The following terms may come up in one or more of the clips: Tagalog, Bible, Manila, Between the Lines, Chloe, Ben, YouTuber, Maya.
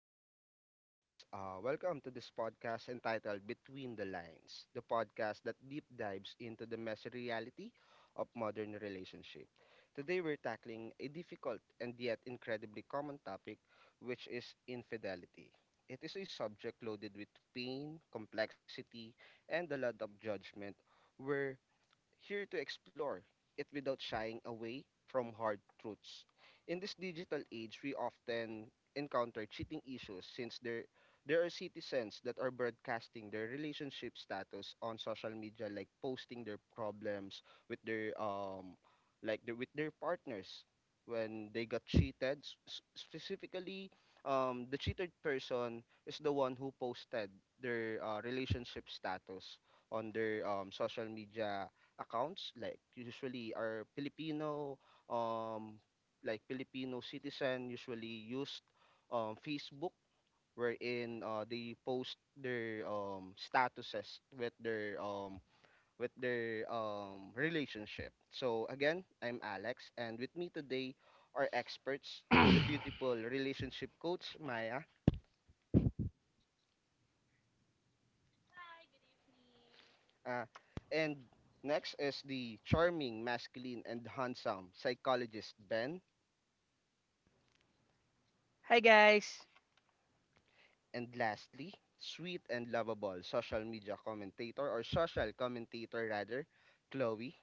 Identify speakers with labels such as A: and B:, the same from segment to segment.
A: everyone. I am Alex. Welcome to this podcast entitled Between the Lines, the podcast that deep dives into the messy reality of modern relationship. Today, we're tackling a difficult and yet incredibly common topic, which is infidelity. It is a subject loaded with pain, complexity, and a lot of judgment, where here to explore it without shying away from hard truths. In this digital age, we often encounter cheating issues since there are citizens that are broadcasting their relationship status on social media, like posting their problems with their like their, with their partners when they got cheated specifically, the cheated person is the one who posted their relationship status on their social media accounts. Like, usually are Filipino, um like Filipino citizen usually used, Facebook, wherein they post their statuses with their relationship. So again, I'm Alex, and with me today are experts, the beautiful relationship coach Maya, uh, and next is the charming, masculine and handsome psychologist Ben.
B: Hi guys.
A: And lastly, sweet and lovable social media commentator, or social commentator rather, Chloe.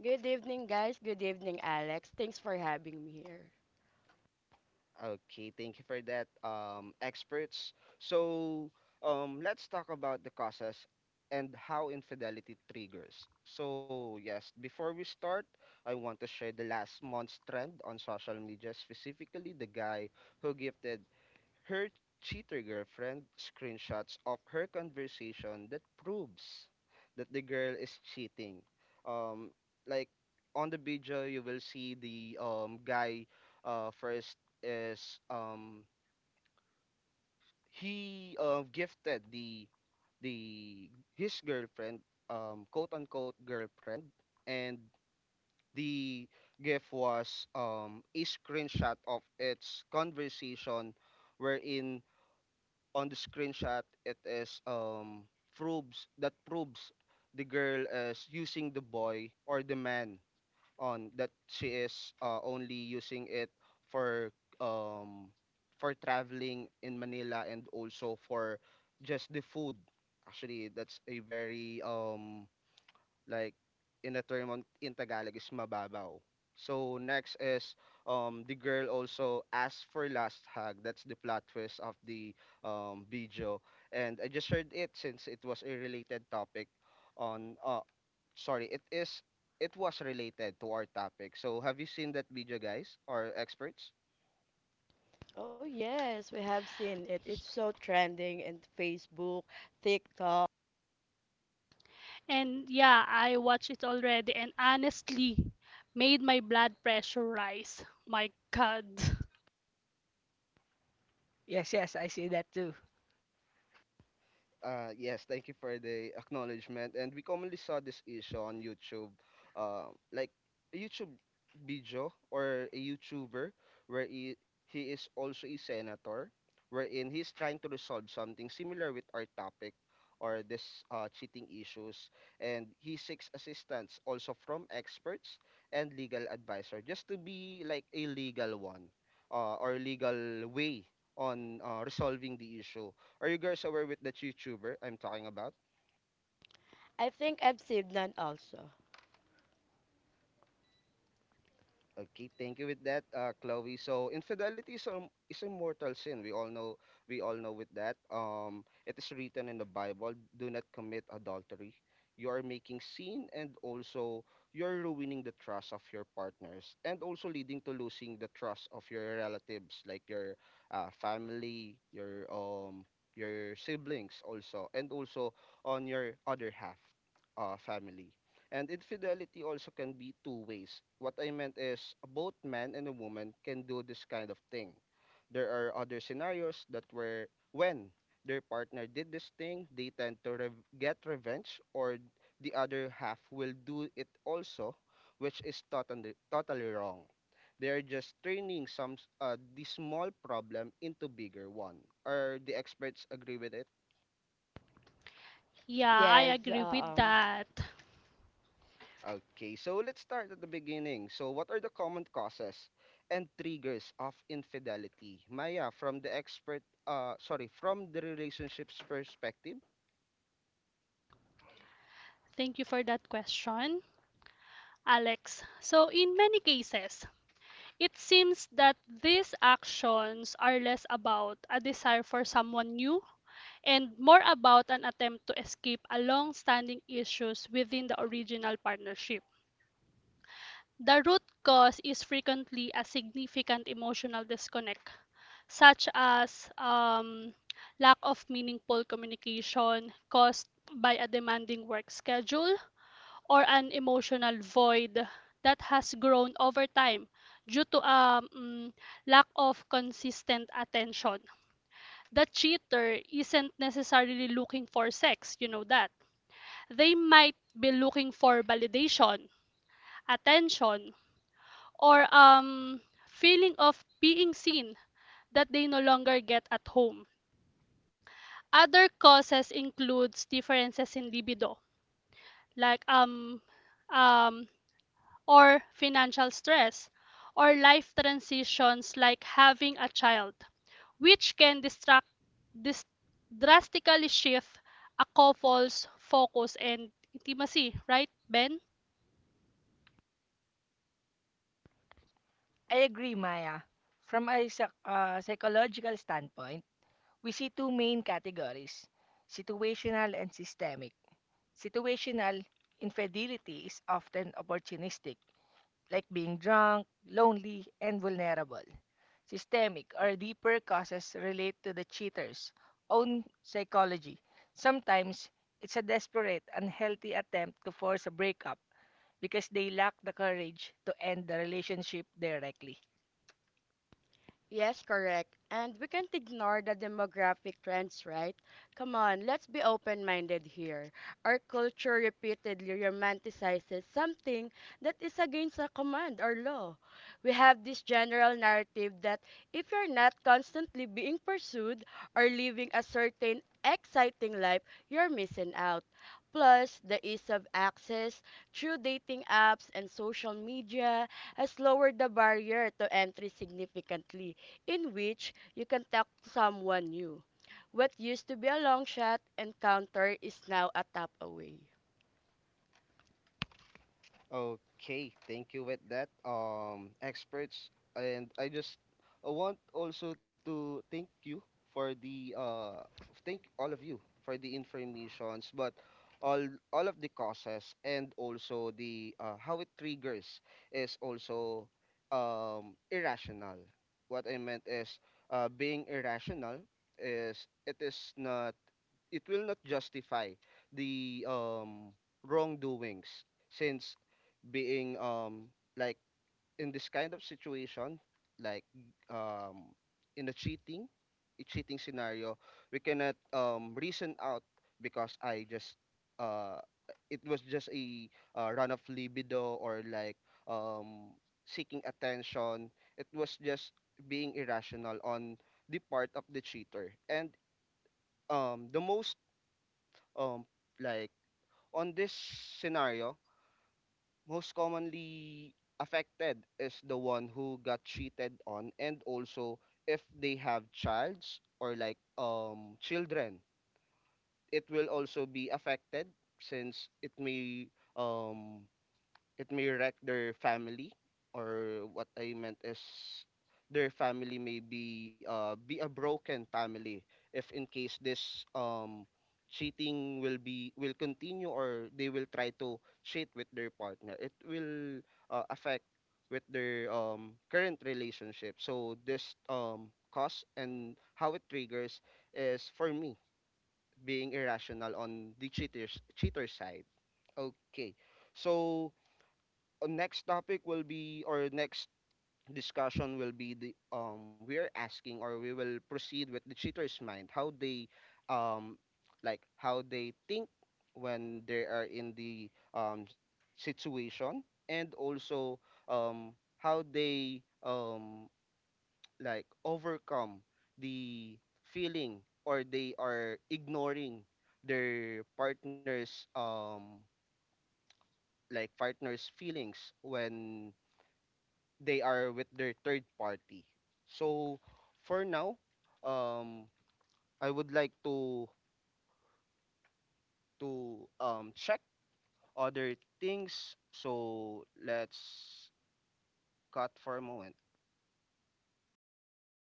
C: Good evening, guys. Good evening, Alex. Thanks for having me here.
A: Okay, thank you for that, experts. So, let's talk about the causes and how infidelity triggers. So, yes, before we start, I want to share the last month's trend on social media, specifically the guy who gifted her cheater girlfriend screenshots of her conversation that proves that the girl is cheating. Um, like, on the video, you will see the guy. First is he gifted the his girlfriend, quote unquote girlfriend, and the gift was a screenshot of its conversation, wherein on the screenshot it is, proves that proves the girl is using the boy or the man, on that she is only using it for, um for traveling in Manila, and also for just the food. Actually, that's a very like, in the term on, in Tagalog is mababaw. So next is, the girl also asked for last hug. That's the plot twist of the video, and I just shared it since it was a related topic on, sorry, it was related to our topic. So have you seen that video, guys or experts?
C: Oh, yes, we have seen it. It's so trending in Facebook, TikTok.
D: And yeah, I watched it already and honestly made my blood pressure rise. My God.
B: Yes, yes, I see that too.
A: Yes, thank you for the acknowledgement. And we commonly saw this issue on YouTube, like a YouTube video or a YouTuber, where he is also a senator, wherein he's trying to resolve something similar with our topic, or this cheating issues. And he seeks assistance also from experts and legal advisor, just to be like a legal one, or legal way on resolving the issue. Are you guys aware with that YouTuber I'm talking about?
C: I think I've seen that also.
A: Okay, thank you with that, Chloe. So is a mortal sin. We all know with that. It is written in the Bible, do not commit adultery. You are making sin, and also you're ruining the trust of your partners, and also leading to losing the trust of your relatives, like your family, your siblings also, and also on your other half family. And infidelity also can be two ways. What I meant is, both man and a woman can do this kind of thing. There are other scenarios that, where when their partner did this thing, they tend to get revenge, or the other half will do it also, which is totally wrong. They are just turning some the small problem into bigger one. Are the experts agree with it?
D: Yeah, I
C: Yes,
D: agree with
C: um,
D: that.
A: Okay, so let's start at the beginning. So, what are the common causes and triggers of infidelity? Maya, from the expert, sorry, from the relationships perspective.
D: Thank you for that question, Alex. So, in many cases, it seems that these actions are less about a desire for someone new and more about an attempt to escape a long standing issues within the original partnership. The root cause is frequently a significant emotional disconnect such as lack of meaningful communication caused by a demanding work schedule or an emotional void that has grown over time due to lack of consistent attention. The cheater isn't necessarily looking for sex, you know that. They might be looking for validation, attention, or feeling of being seen that they no longer get at home. Other causes includes differences in libido, like um, um, or financial stress, or life transitions like having a child, which can dis- drastically shift a couple's focus and intimacy, right, Ben?
B: I agree, Maya. From a psychological standpoint, we see two main categories, situational and systemic. Situational infidelity is often opportunistic, like being drunk, lonely, and vulnerable. Systemic or deeper causes relate to the cheater's own psychology. Sometimes it's a desperate, unhealthy attempt to force a breakup because they lack the courage to end the relationship directly.
C: yes, correct. And we can't ignore the demographic trends, right? Come on, let's be open minded here. Our culture repeatedly romanticizes something that is against a command or law. We have this general narrative that if you're not constantly being pursued or living a certain exciting life, you're missing out. Plus, the ease of access through dating apps and social media has lowered the barrier to entry significantly in which you can talk to someone new. What used to be a long shot encounter is now a tap away.
A: Okay, thank you with that, experts. And I want also to thank you for the thank all of you for the informations. But all all of the causes, and also the, how it triggers, is also irrational. What I meant is, being irrational is, it will not justify the wrongdoings, since being like, in this kind of situation, like, um in a cheating, a cheating scenario, we cannot reason out, because I just uh it was just a, run of libido, or like, um seeking attention. It was just being irrational on the part of the cheater. And the most um like, on this scenario, most commonly affected is the one who got cheated on. And also, if they have childs, or like, children, it will also be affected, since it may, um it may wreck their family. Or what I meant is, their family may be, be a broken family, if in case this cheating will be, will continue, or they will try to cheat with their partner, it will affect with their current relationship. So this cause and how it triggers is, for me, being irrational on the cheater side. Okay, so next topic will be, or next discussion will be, the we're asking, or we will proceed with the cheater's mind, how they um like, how they think when they are in the situation, and also how they like overcome the feeling, or they are ignoring their partner's like partner's feelings when they are with their third party. So for now, um, I would like to check other things. So let's cut for a moment.